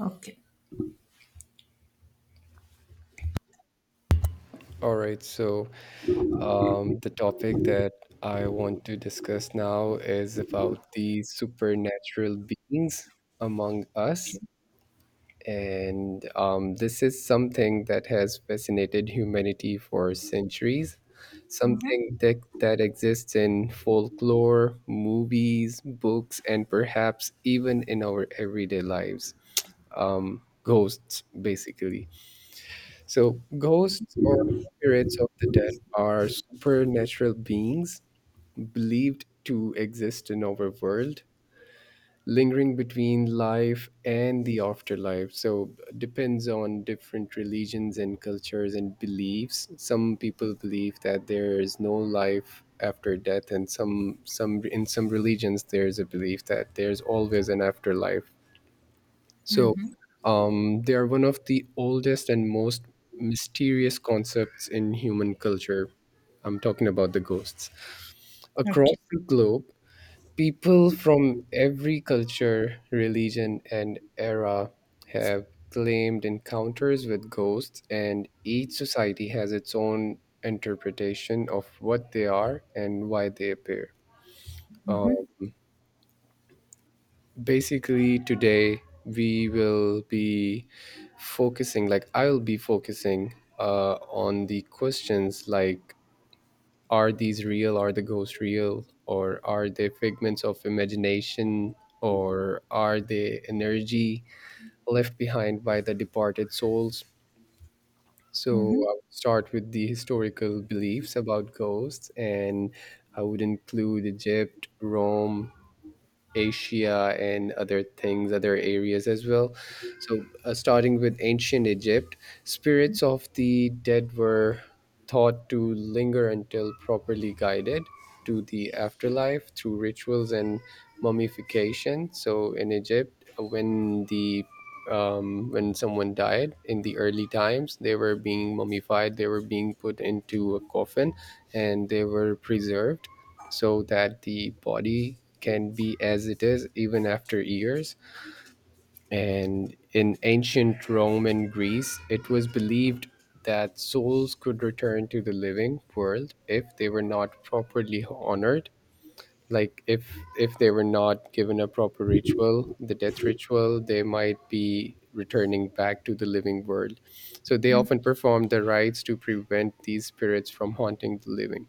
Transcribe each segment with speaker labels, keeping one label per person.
Speaker 1: Okay.
Speaker 2: All right, so the topic that I want to discuss now is about the supernatural beings among us. And this is something that has fascinated humanity for centuries,
Speaker 1: Mhm.
Speaker 2: something that exists in folklore, movies, books, and perhaps even in our everyday lives. Ghosts, basically. So, ghosts or spirits of the dead are supernatural beings believed to exist in our world, lingering between life and the afterlife. So, depends on different religions and cultures and beliefs. Some people believe that there is no life after death, and some in some religions there's a belief that there's always an afterlife, so
Speaker 1: Mhm.
Speaker 2: they are one of the oldest and most mysterious concepts in human culture. I'm talking about the ghosts. Across
Speaker 1: Okay.
Speaker 2: the globe, people from every culture, religion, and era have claimed encounters with ghosts, and each society has its own interpretation of what they are and why they appear. Um,
Speaker 1: Mhm.
Speaker 2: Basically, today we will be focusing like I'll be focusing on the questions like are the ghosts real, or are they figments of imagination, or are they energy left behind by the departed souls? So
Speaker 1: Mhm.
Speaker 2: I would start with the historical beliefs about ghosts, and I would include Egypt, Rome, Asia, and other things, other areas as well. So, starting with ancient Egypt, spirits of the dead were thought to linger until properly guided to the afterlife through rituals and mummification. So, in Egypt, when someone died in the early times, they were being mummified, they were being put into a coffin, and they were preserved so that the body can be as it is even after years. And in ancient Rome and Greece, it was believed that souls could return to the living world if they were not properly honored, like if they were not given a proper ritual, the death ritual, they might be returning back to the living world, so they often performed the rites to prevent these spirits from haunting the living.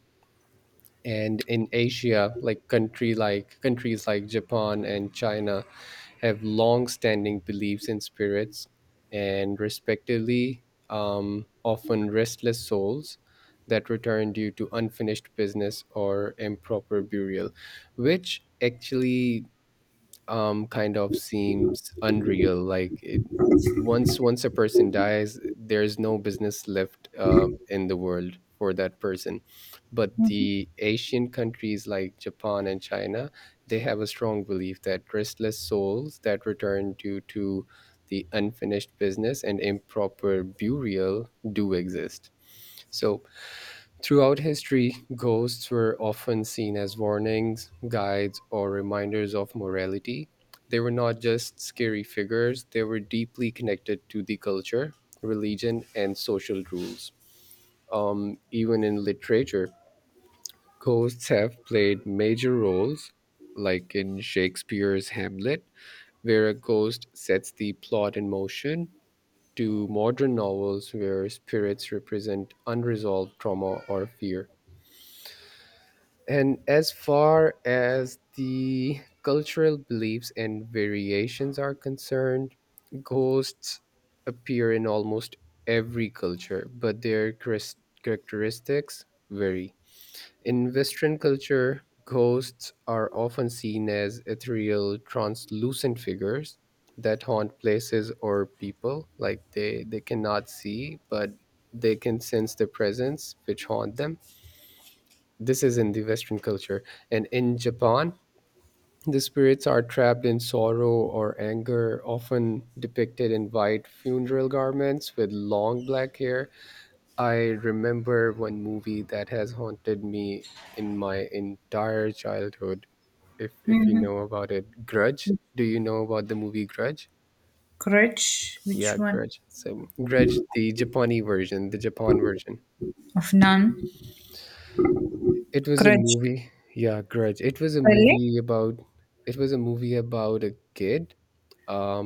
Speaker 2: And in Asia, like country like countries like Japan and China have long-standing beliefs in spirits and respectively often restless souls that return due to unfinished business or improper burial, which actually kind of seems unreal, like once a person dies there's no business left in the world for that person. But
Speaker 1: Mhm.
Speaker 2: the Asian countries like Japan and China, they have a strong belief that restless souls that return due to the unfinished business and improper burial do exist. So throughout history, ghosts were often seen as warnings, guides, or reminders of morality. They were not just scary figures, they were deeply connected to the culture, religion, and social rules. Even in literature, ghosts have played major roles, like in Shakespeare's Hamlet, where a ghost sets the plot in motion, to modern novels where spirits represent unresolved trauma or fear. And as far as the cultural beliefs and variations are concerned, ghosts appear in almost every culture, but their characteristics vary. In Western culture, ghosts are often seen as ethereal, translucent figures that haunt places or people. Like they cannot see, but they can sense the presence which haunt them. This is in the Western culture. And in Japan, the spirits are trapped in sorrow or anger, often depicted in white funeral garments with long black hair. I remember one movie that has haunted me in my entire childhood. If you
Speaker 1: Mhm.
Speaker 2: know about it, Grudge. Do you know about the movie Grudge?
Speaker 1: Crutch.
Speaker 2: Yeah,
Speaker 1: Which one?
Speaker 2: Grudge. So Grudge, the Japan version.
Speaker 1: Of none.
Speaker 2: It was a
Speaker 1: Crutch.
Speaker 2: movie. Yeah, Grudge. It was a
Speaker 1: Spelling.
Speaker 2: movie about. It was a movie about a kid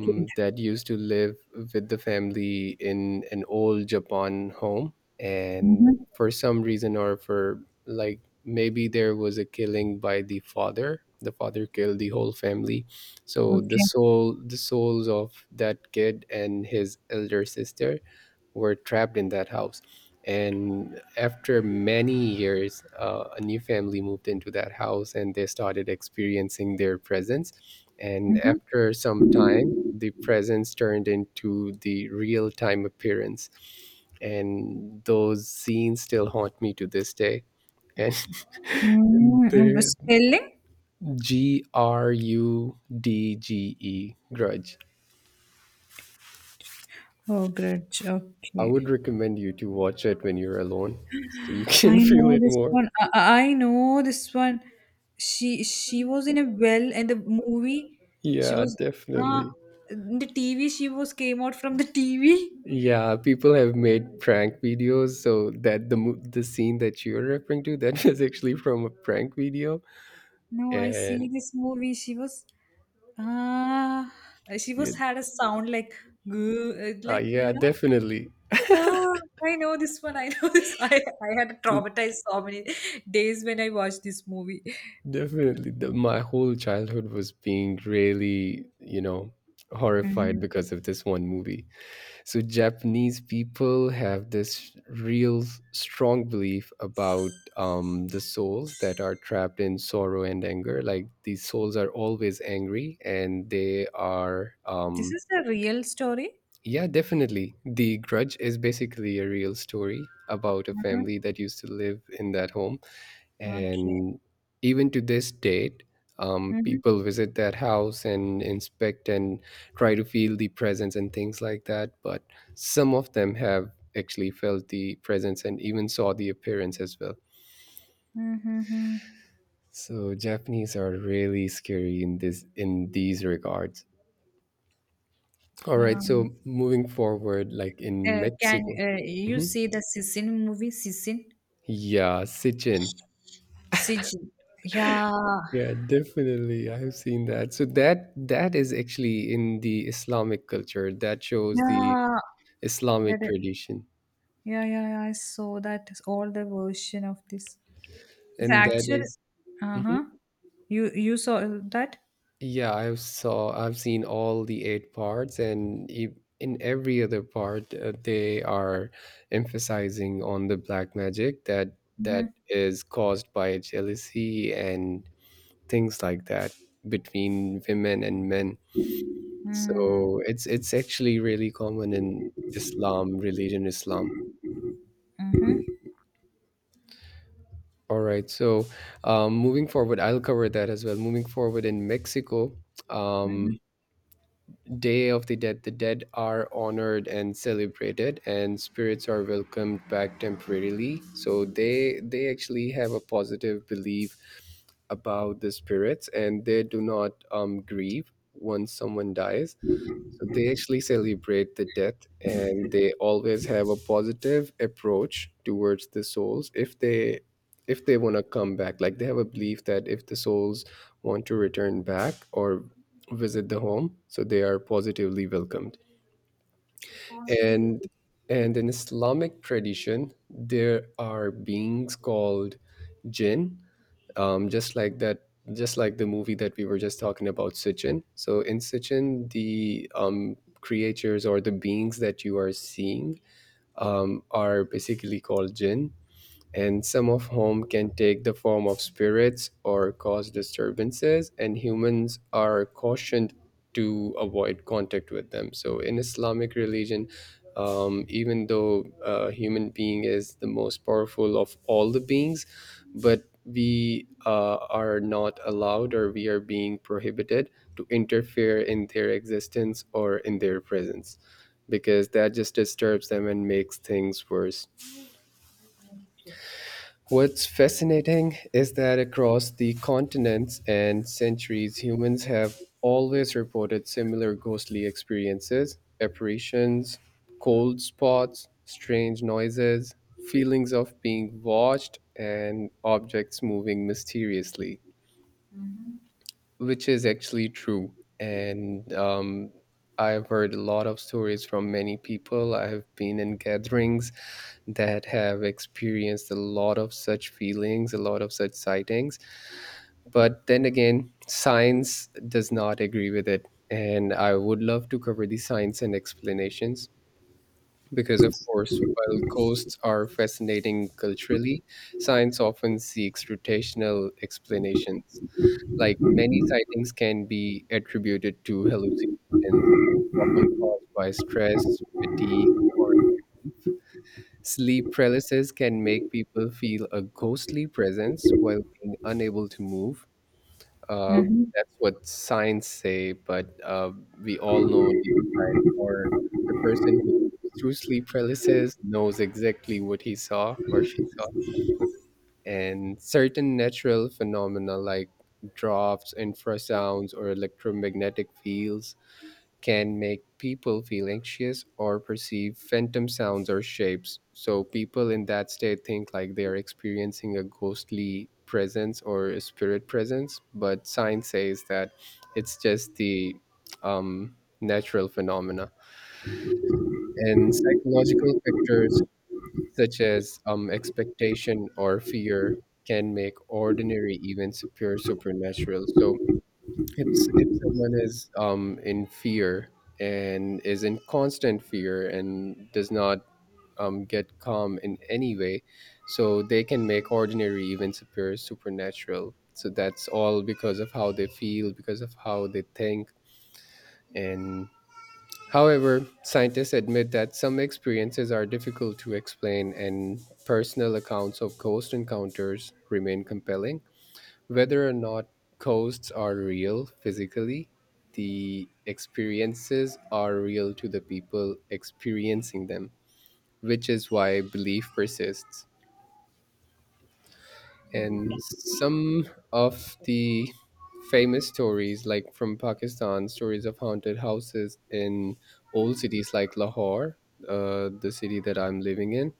Speaker 1: Kid.
Speaker 2: that used to live with the family in an old Japan home. And
Speaker 1: Mhm.
Speaker 2: for some reason, or for, like, maybe there was a killing by the father. The father killed the whole family. So
Speaker 1: Okay.
Speaker 2: the souls of that kid and his elder sister were trapped in that house. And after many years, a new family moved into that house and they started experiencing their presence, and
Speaker 1: Mhm.
Speaker 2: after some time the presence turned into the real time appearance, and those scenes still haunt me to this day. And
Speaker 1: Mm, and the
Speaker 2: the
Speaker 1: spelling.
Speaker 2: G R U D G E, grudge.
Speaker 1: Oh, grudge.
Speaker 2: I
Speaker 1: Okay.
Speaker 2: would recommend you to watch it when you're alone so you can
Speaker 1: I
Speaker 2: feel
Speaker 1: know
Speaker 2: it
Speaker 1: this
Speaker 2: more.
Speaker 1: one. I know this one. She was in a well in the movie. She
Speaker 2: Yeah,
Speaker 1: was ah
Speaker 2: definitely.
Speaker 1: in the TV. She was came out from the TV.
Speaker 2: Yeah, people have made prank videos, so that the scene that you're referring to that was actually from a prank video.
Speaker 1: No, I see
Speaker 2: And
Speaker 1: this movie. She was ah, she
Speaker 2: yeah,
Speaker 1: was had a sound like goo, like you
Speaker 2: yeah,
Speaker 1: know.
Speaker 2: definitely.
Speaker 1: Ah, I know this one. I know this. I had
Speaker 2: So
Speaker 1: traumatized so many days when I watched this movie.
Speaker 2: definitely, my whole childhood was being really, horrified
Speaker 1: Mhm.
Speaker 2: because of this one movie. So Japanese people have this real strong belief about the souls that are trapped in sorrow and anger, like these souls are always angry and they are
Speaker 1: This is a real story.
Speaker 2: yeah, definitely. The Grudge is basically a real story about a
Speaker 1: Mm-hmm.
Speaker 2: family that used to live in that home.
Speaker 1: Okay.
Speaker 2: And even to this date,
Speaker 1: Mm-hmm.
Speaker 2: people visit that house and inspect and try to feel the presence and things like that. But some of them have actually felt the presence and even saw the appearance as well.
Speaker 1: Mm-hmm.
Speaker 2: So Japanese are really scary in this in these regards. All right, so moving forward, like in
Speaker 1: Can
Speaker 2: Mexico,
Speaker 1: you
Speaker 2: mhm,
Speaker 1: see the Sisin movie? Sisin,
Speaker 2: yeah, Sitchin.
Speaker 1: Sijin. Yeah,
Speaker 2: Yeah, definitely. I've seen that. So that is actually in the Islamic culture. That shows the
Speaker 1: yeah. That,
Speaker 2: Islamic tradition.
Speaker 1: yeah, yeah, yeah. I saw that all the version of this. The
Speaker 2: And that
Speaker 1: actual.
Speaker 2: is-
Speaker 1: Uh
Speaker 2: Mhm.
Speaker 1: huh. You saw that.
Speaker 2: Yeah, I've seen all the eight parts, and in every other part they are emphasizing on the black magic that
Speaker 1: Mhm.
Speaker 2: is caused by jealousy and things like that between women and men.
Speaker 1: Mhm.
Speaker 2: So it's actually really common in Islam, religion Islam.
Speaker 1: Mhm.
Speaker 2: All right. So, moving forward, I'll cover that as well. Moving forward in Mexico, um,
Speaker 1: Mhm.
Speaker 2: Day of the dead are honored and celebrated, and spirits are welcomed back temporarily. So they actually have a positive belief about the spirits, and they do not grieve once someone dies. So they actually celebrate the death and they always have a positive approach towards the souls if they, if they want to come back. Like they have a belief that if the souls want to return back or visit the home, so they are positively welcomed. And and in Islamic tradition, there are beings called jinn, just like that, just like the movie that we were just talking about, Sitchin. So in Sitchin, the creatures or the beings that you are seeing are basically called jinn, and some of whom can take the form of spirits or cause disturbances, and humans are cautioned to avoid contact with them. So, in Islamic religion, even though a human being is the most powerful of all the beings, but we are not allowed, or we are being prohibited to interfere in their existence or in their presence, because that just disturbs them and makes things worse. What's fascinating is that across the continents and centuries, humans have always reported similar ghostly experiences, apparitions, cold spots, strange noises, feelings of being watched, and objects moving mysteriously, which is actually true. And I've heard a lot of stories from many people. I have been in gatherings that have experienced a lot of such feelings, a lot of such sightings. But then again, science does not agree with it. And I would love to cover the science and explanations because, of course, while ghosts are fascinating culturally, science often seeks rotational explanations, like many sightings can be attributed to hallucinations, often caused by stress, fatigue, or sleep paralysis can make people feel a ghostly presence while being unable to move. Uh,
Speaker 1: Mhm.
Speaker 2: that's what signs say, but we all know deep inside, or the person who goes through sleep paralysis knows exactly what he saw or she saw. And certain natural phenomena like drops, infrasounds, or electromagnetic fields can make people feel anxious or perceive phantom sounds or shapes. So people in that state think like they are experiencing a ghostly presence or a spirit presence, but science says that it's just the um, natural phenomena. And psychological factors such as expectation or fear can make ordinary events appear supernatural. So if someone is in fear and is in constant fear and does not get calm in any way, so they can make ordinary events appear supernatural. So that's all because of how they feel, because of how they think. And however, scientists admit that some experiences are difficult to explain, and personal accounts of ghost encounters remain compelling. Whether or not ghosts are real physically, the experiences are real to the people experiencing them, which is why belief persists. And some of the famous stories, like from Pakistan, stories of haunted houses in old cities like Lahore, the city that I'm living in,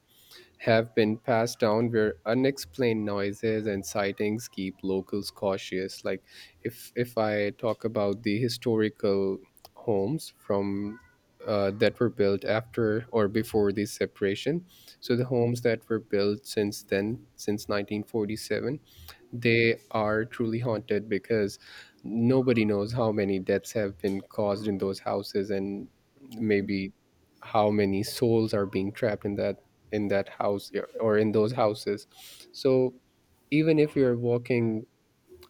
Speaker 2: have been passed down, where unexplained noises and sightings keep locals cautious. Like, if I talk about the historical homes from that were built after or before the separation, so the homes that were built since then, since 1947, they are truly haunted because nobody knows how many deaths have been caused in those houses, and maybe how many souls are being trapped in that, in that house, or in those houses. So even if you're walking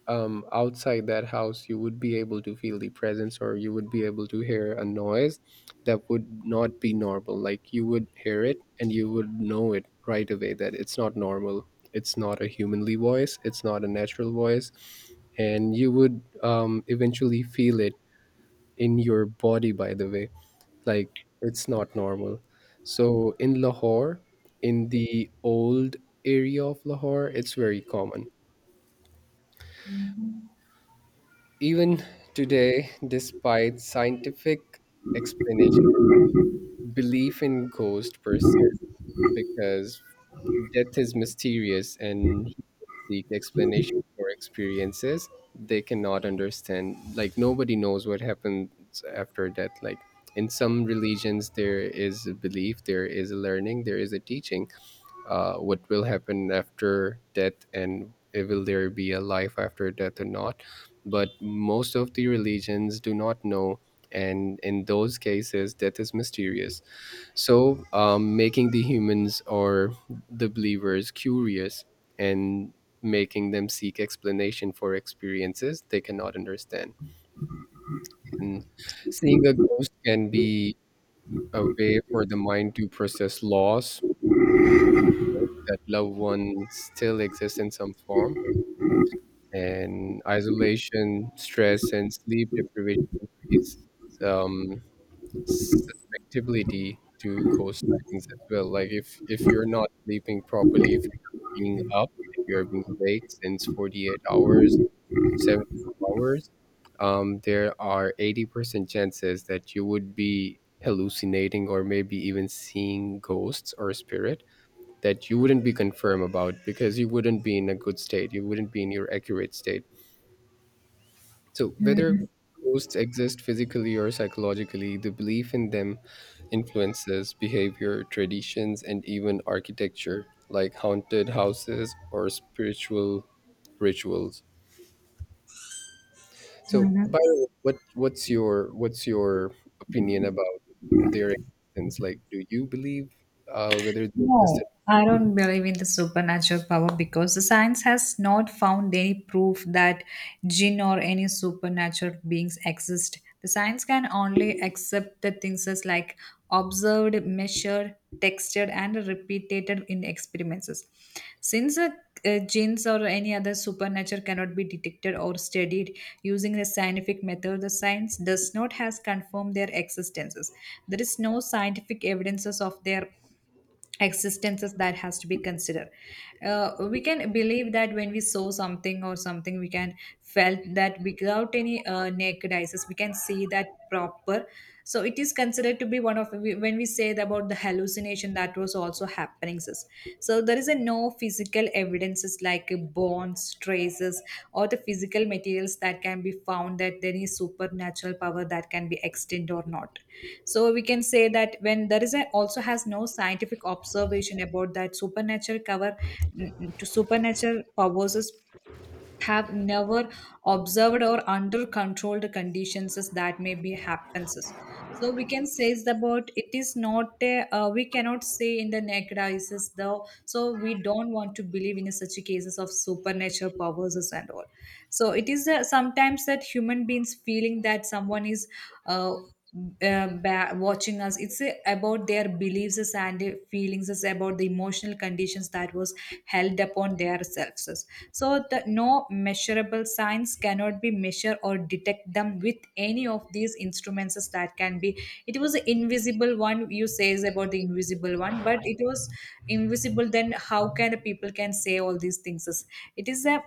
Speaker 2: outside that house, you would be able to feel the presence, or you would be able to hear a noise that would not be normal. Like, you would hear it and you would know it right away that it's not normal. It's not a humanly voice, it's not a natural voice. And you would eventually feel it in your body, by the way. Like, it's not normal. So in Lahore, in the old area of Lahore, it's very common. Even today, despite scientific explanation, belief in ghost persists because death is mysterious and humans seek explanation for experiences they cannot understand. Like, nobody knows what happens after death. Like, in some religions, there is a belief, there is a learning, there is a teaching, what will happen after death, and if will there be a life after death or not. But most of the religions do not know, and in those cases death is mysterious, so making the humans, or the believers, curious, and making them seek explanation for experiences they cannot understand. And seeing a ghost can be a way for the mind to process loss, that loved ones still exist in some form. And isolation, stress, and sleep deprivation increase um, susceptibility to ghost sightings as well. Like, if you're not sleeping properly, if you're being up, if you're being awake since 48 hours, 72 hours, there are 80% chances that you would be hallucinating or maybe even seeing ghosts or spirit, that you wouldn't be confirmed about because you wouldn't be in a good state. You wouldn't be in your accurate state. So, whether
Speaker 1: Mhm.
Speaker 2: ghosts exist physically or psychologically, the belief in them influences behavior, traditions, and even architecture, like haunted houses or spiritual rituals. So,
Speaker 1: Mhm.
Speaker 2: by the way, what's your opinion about their existence? Like, do you believe whether they
Speaker 1: No,
Speaker 2: existed?
Speaker 1: I don't believe in the supernatural power because the science has not found any proof that jinn or any supernatural beings exist. The science can only accept the things as like observed, measured, textured, and repeated in experiments. Since jinns or any other supernatural cannot be detected or studied using the scientific method, the science does not has confirmed their existences. There is no scientific evidences of their existences that has to be considered. Uh, we can believe that when we saw something or something we can felt that without any naked eyes we can see that proper, so it is considered to be one of when we say about the hallucination that was also happening sis. So there is a no physical evidences like bones traces or the physical materials that can be found that there is supernatural power that can be extended or not, so we can say that when there is a, also has no scientific observation about that supernatural cover. To supernatural powers is have never observed or under controlled conditions is that may be happens is. So we can say is about it is not a, we cannot say in the naked eyes is though, so we don't want to believe in such cases of supernatural powers is and all. So it is sometimes that human beings feeling that someone is uh, watching us. It's about their beliefs is and feelings is about the emotional conditions that was held upon their selves. So the no measurable signs cannot be measured or detect them with any of these instruments that can be. It was the invisible one you says about the invisible one, but it was invisible, then how can people can say all these things? It is a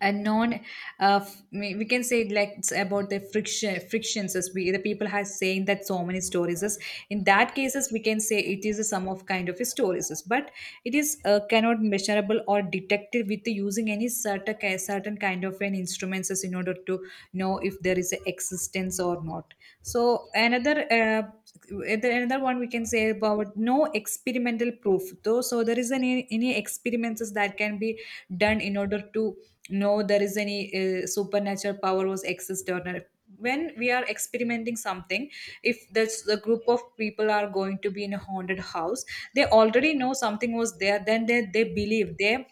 Speaker 1: and non, we can say it like it's about the frictions as we the people has saying that so many stories is. In that cases we can say it is a sum of kind of stories is, but it is cannot measurable or detected with the using any certain kind of an instruments as in order to know if there is a existence or not. So another another one we can say about no experimental proof though, so there is any experiments that can be done in order to no there is any supernatural power was accessed or not. When we are experimenting something, if there's a group of people are going to be in a haunted house, they already know something was there, then they believe they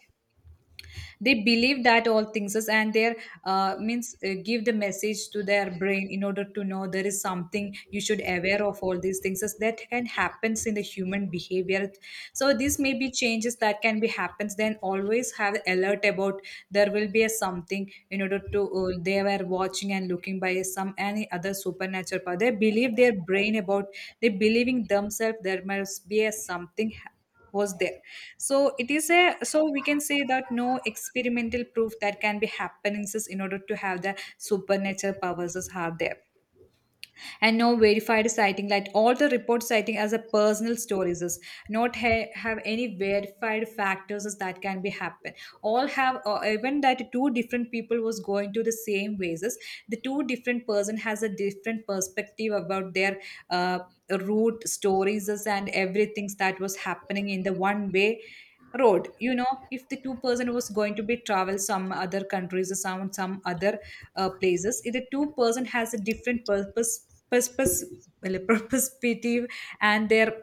Speaker 1: they believe that all things is and their means give the message to their brain in order to know there is something you should aware of all these things is that can happens in the human behavior. So this may be changes that can be happens, then always have alert about there will be a something in order to they were watching and looking by some any other supernatural power they believe their brain about. They believing themselves there must be a was there. So it is a, so we can say that no experimental proof that can be happenances in order to have the supernatural powers is have there, and no verified sighting like all the report citing as a personal stories is not have any verified factors is that can be happen. All have even that two different people was going to the same ways is, the two different person has a different perspective about their uh, root stories is and everything that was happening in the one way road, you know. If the two person was going to be travel some other countries or some other places, if the two-person has a different purpose, well, perspective, and their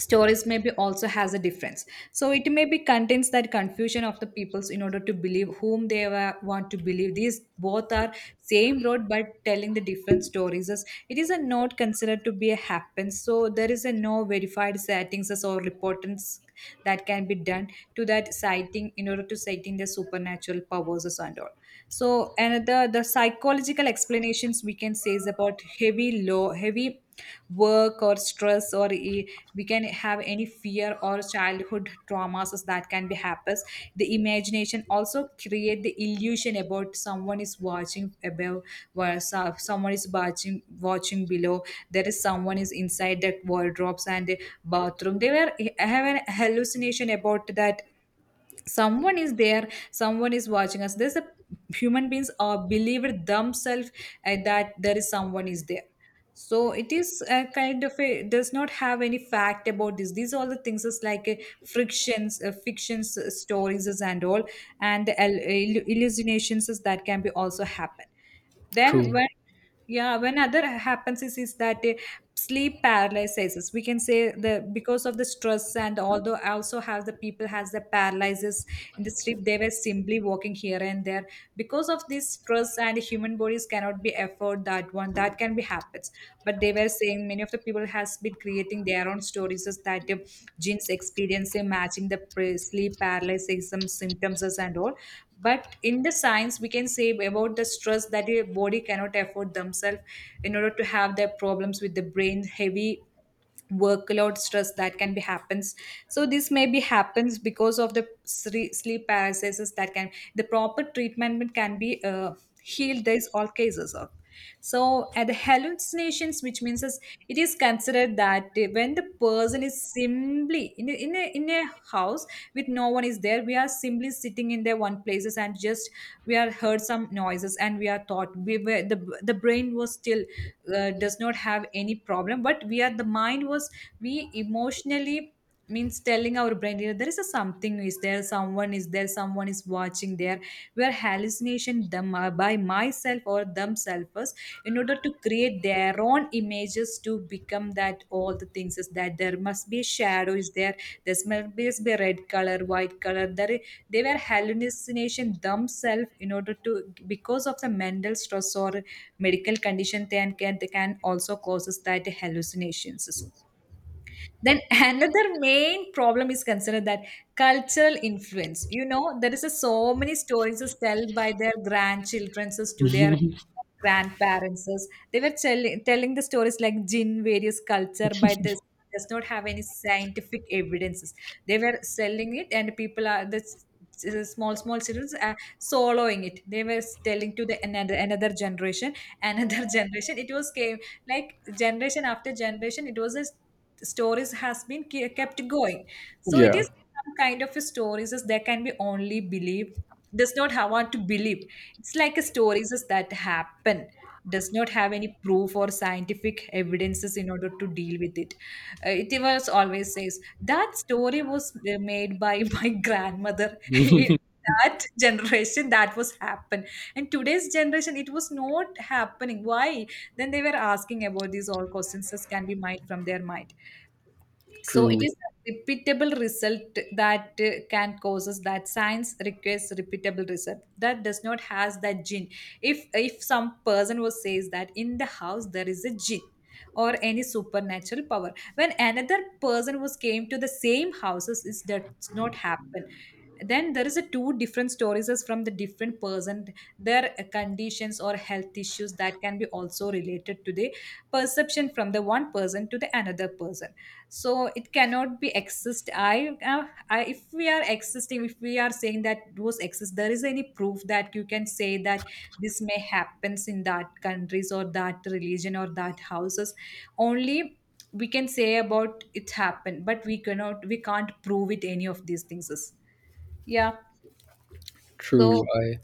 Speaker 1: stories maybe also has a difference. So it may be contains that confusion of the peoples in order to believe whom they want to believe these both are same road but telling the different stories. Thus, it is a not considered to be a happen, so there is a no verified settings as or reportants that can be done to that sighting in order to sighting the supernatural powers and all. So another the psychological explanations we can say is about heavy low heavy work or stress or we can have any fear or childhood traumas that can be happens. The imagination also create the illusion about someone is watching above where someone is watching below, there is someone is inside the wardrobes and the bathroom they were have an hallucination about that someone is there, someone is watching us, there's a human beings are believed themselves that there is someone is there. So it is a kind of a does not have any fact about this, these are all the things is like frictions fictions stories is and all, and the hallucinations is that can be also happen then
Speaker 2: True.
Speaker 1: when yeah, when other happens is that sleep paralysis. We can say the because of the stress, and although also has the people has the paralysis in the sleep, they were simply walking here and there. Because of this stress and human bodies cannot be afford that one. That can be happens. But they were saying many of the people has been creating their own stories is that genes experience in matching the sleep paralysis some symptoms and all, but in the science we can say about the stress that your body cannot afford themselves in order to have their problems with the brain heavy workload stress that can be happens. So this may be happens because of the sleep paralysis that can the proper treatment can be healed these all cases of. So at the hallucinations, which means is it is considered that when the person is simply in a, in a house with no one is there, we are simply sitting in their one places and just we are heard some noises and we are thought we were the brain was still does not have any problem, but we are the mind was we emotionally means telling our brain, you know, there is a something is there, someone is there, someone is watching, there were hallucination them by myself or themselves in order to create their own images to become that all the things is that there must be shadows there there must be a red color white color there, they were hallucination themselves in order to because of the mental stress or medical condition they can also causes that hallucinations. Then another main problem is considered that cultural influence. You know, there is a, so many stories is told by their grandchildren is to their grandparents. Is. They were telling the stories like Jin, various culture by this does not have any scientific evidences. They were selling it, and people are the small children are swallowing it. They were telling to the another another generation, another generation. It was came like generation after generation. It was a stories has been kept going, so it
Speaker 2: Yeah.
Speaker 1: is some kind of a stories as there can be only believe does not have want to believe. It's like a stories as that happen does not have any proof or scientific evidences in order to deal with it. It was always says that story was made by my grandmother in that generation that was happen, and today's generation it was not happening, why? Then they were asking about these all questions that can be mined from their mind. So it
Speaker 2: True.
Speaker 1: is a repeatable result that can causes that science requires repeatable result that does not has that gene. If some person was says that in the house there is a gene or any supernatural power, when another person was came to the same houses, is does not happen. Then there is a two different stories as from the different person. Their conditions or health issues that can be also related to the perception from the one person to the another person. So it cannot be exist. I If we are existing, if we are saying that those exist, there is any proof that you can say that this may happens in that countries or that religion or that houses only. We can say about it happened but we can't prove it any of these things is. Yeah.
Speaker 2: True,
Speaker 1: So,
Speaker 2: I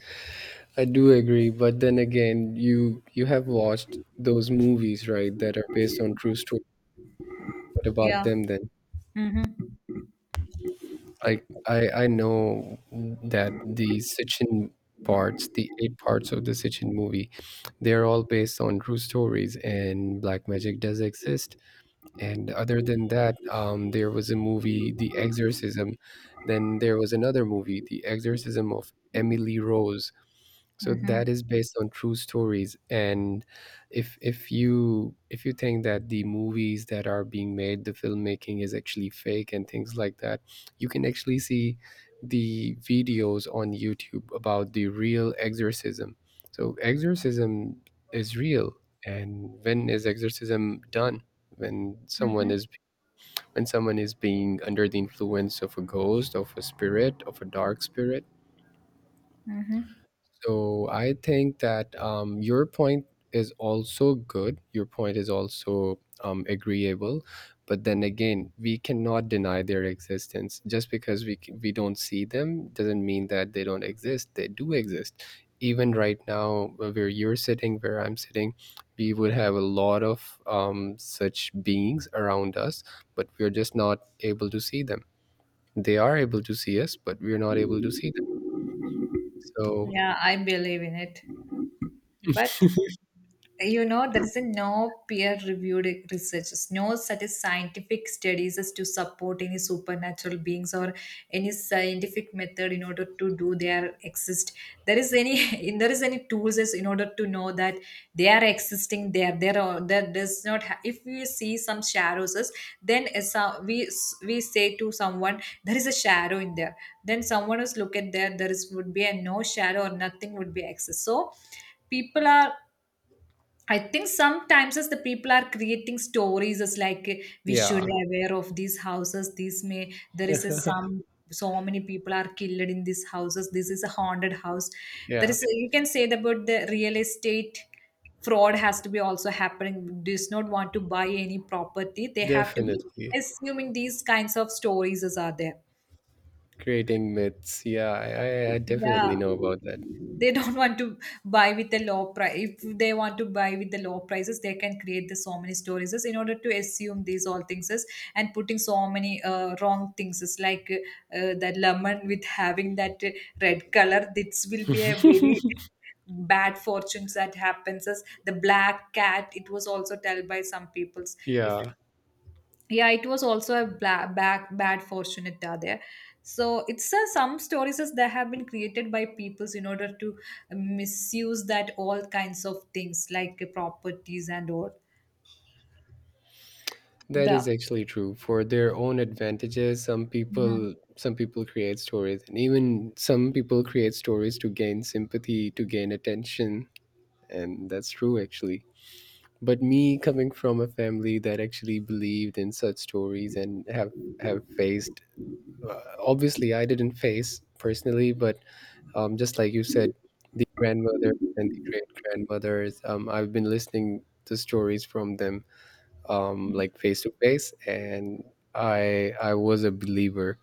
Speaker 2: I do agree, but then again, you have watched those movies, right, that are based on true story. What about
Speaker 1: yeah.
Speaker 2: them then?
Speaker 1: Mm-hmm.
Speaker 2: Like, I know that the Sitchin parts, the eight parts of the Sitchin movie, they're all based on true stories, and black magic does exist. And other than that, there was a movie, The Exorcism. Then there was another movie, The Exorcism of Emily Rose. So
Speaker 1: Mm-hmm.
Speaker 2: that is based on true stories. And if you think that the movies that are being made, the filmmaking is actually fake and things like that, you can actually see the videos on YouTube about the real exorcism. So exorcism is real. And when is exorcism done? When someone
Speaker 1: Mm-hmm.
Speaker 2: is, when someone is being under the influence of a ghost, of a spirit, of a dark spirit.
Speaker 1: Mm-hmm.
Speaker 2: So I think that your point is also good. Your point is also agreeable, but then again, we cannot deny their existence. Just because we don't see them doesn't mean that they don't exist. They do exist. Even right now, where you're sitting, where I'm sitting, we would have a lot of such beings around us, but we're just not able to see them. They are able to see us, but we're not able to see them. So
Speaker 1: Yeah, I believe in it, but you know there is a no peer reviewed research, no such as scientific studies as to support any supernatural beings or any scientific method in order to do their exist. There is any there is any tools as in order to know that they are existing. There are that does not ha- if we see some shadows, then as a- we s- we say to someone there is a shadow in there, then someone else look at there, there is would be a no shadow or nothing would be exist. So people are, I think sometimes as the people are creating stories as like we should
Speaker 2: yeah.
Speaker 1: be aware of these houses. This may there is a some so many people are killed in these houses. This is a haunted house. There
Speaker 2: Yeah,
Speaker 1: is a- you can say that about the real estate fraud has to be also happening. Does not want to buy any property. They have to be
Speaker 2: definitely.
Speaker 1: assuming these kinds of stories as are there.
Speaker 2: Creating myths. Yeah, I
Speaker 1: Yeah.
Speaker 2: definitely know about that.
Speaker 1: They don't want to buy with the low price. If they want to buy with the low prices, they can create the so many stories is in order to assume these all things is and putting so many wrong things is like that lemon with having that red color. This will be a very bad fortunes that happens as the black cat. It was also tell by some peoples if
Speaker 2: Yeah,
Speaker 1: yeah it was also a bla- back bad fortune it are there. So it's some stories as they have been created by peoples in order to misuse that all kinds of things like properties and all
Speaker 2: that
Speaker 1: the.
Speaker 2: is actually true. For their own advantages, some
Speaker 1: Mhm.
Speaker 2: people some people create stories, and even some people create stories to gain sympathy, to gain attention, and that's true actually. But me coming from a family that actually believed in such stories and have faced, obviously I didn't face personally, but just like you said, the grandmother and the great grandmothers. I've been listening to stories from them, like face to face, and I was a believer,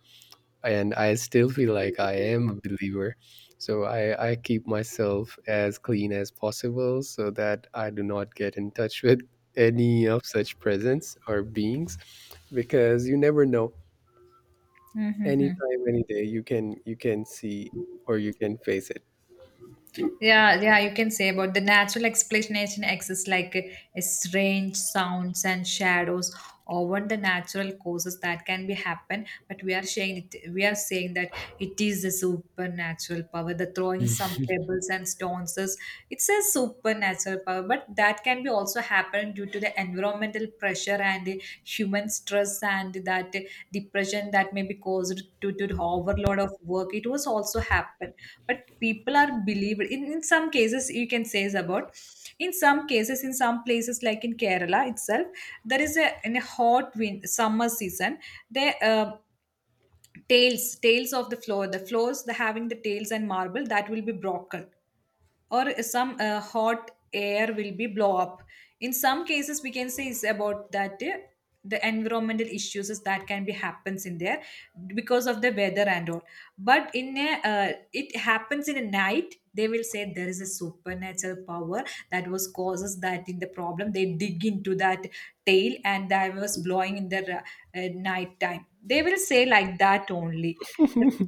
Speaker 2: and I still feel like I am a believer. So I keep myself as clean as possible so that I do not get in touch with any of such presence or beings, because you never know,
Speaker 1: Mhm.
Speaker 2: anytime any day you can see or you can face it.
Speaker 1: Yeah, yeah, you can say about the natural explanation exists like strange sounds and shadows or what the natural causes that can be happen. But we are saying it, we are saying that it is a supernatural power. The throwing some pebbles and stones is it's a supernatural power, but that can be also happen due to the environmental pressure and the human stress and that depression that may be caused due to the overload of work. It was also happen, but people are believed in some cases you can say is about in some cases in some places like in Kerala itself, there is a in a hot wind summer season. The tails of the floor, the floors the having the tails and marble that will be broken, or some hot air will be blow up. In some cases we can say it's about that the environmental issues is that can be happens in there because of the weather and all. But in a it happens in a night, they will say there is a supernatural power that was causes that in the problem. They dig into that tail and that was blowing in the night time, they will say like that only. The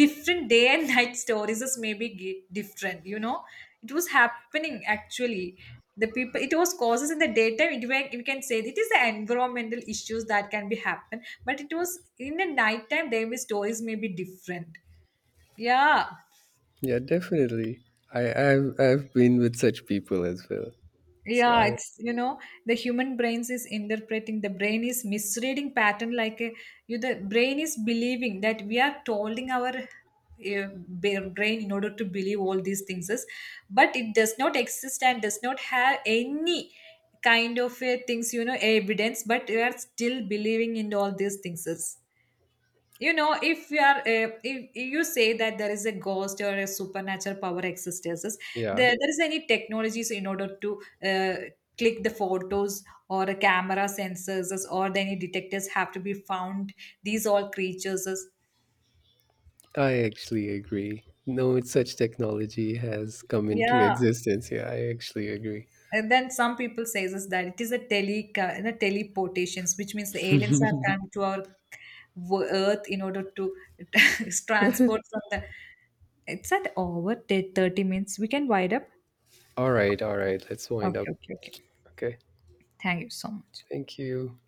Speaker 1: different day and night stories is maybe gi- different, you know, it was happening actually. The people it was causes in the daytime it were, we can say it is the environmental issues that can be happen, but it was in the nighttime their stories may be different. Yeah.
Speaker 2: Yeah, definitely. I've been with such people as well. So
Speaker 1: Yeah,
Speaker 2: I
Speaker 1: it's you know the human brains is interpreting, the brain is misreading pattern like a, you the brain is believing that we are holding our brain in order to believe all these things is, but it does not exist and does not have any kind of things, you know, evidence, but we are still believing in all these things is. You know, if you are if you say that there is a ghost or a supernatural power existence,s
Speaker 2: yeah,
Speaker 1: there, there is any technologies in order to uh, click the photos or a camera sensors or the any detectors have to be found these all creatures.
Speaker 2: I actually agree. No, such technology has come into
Speaker 1: Yeah.
Speaker 2: existence. Yeah, I actually agree.
Speaker 1: And then some people says is that it is a tele the teleportations, which means the aliens are come to our wo- earth in order to transport from the it's at over 30 minutes we can wide up.
Speaker 2: All right, all right. Let's wind up.
Speaker 1: Okay, okay, okay.
Speaker 2: Okay.
Speaker 1: Thank you so much.
Speaker 2: Thank you.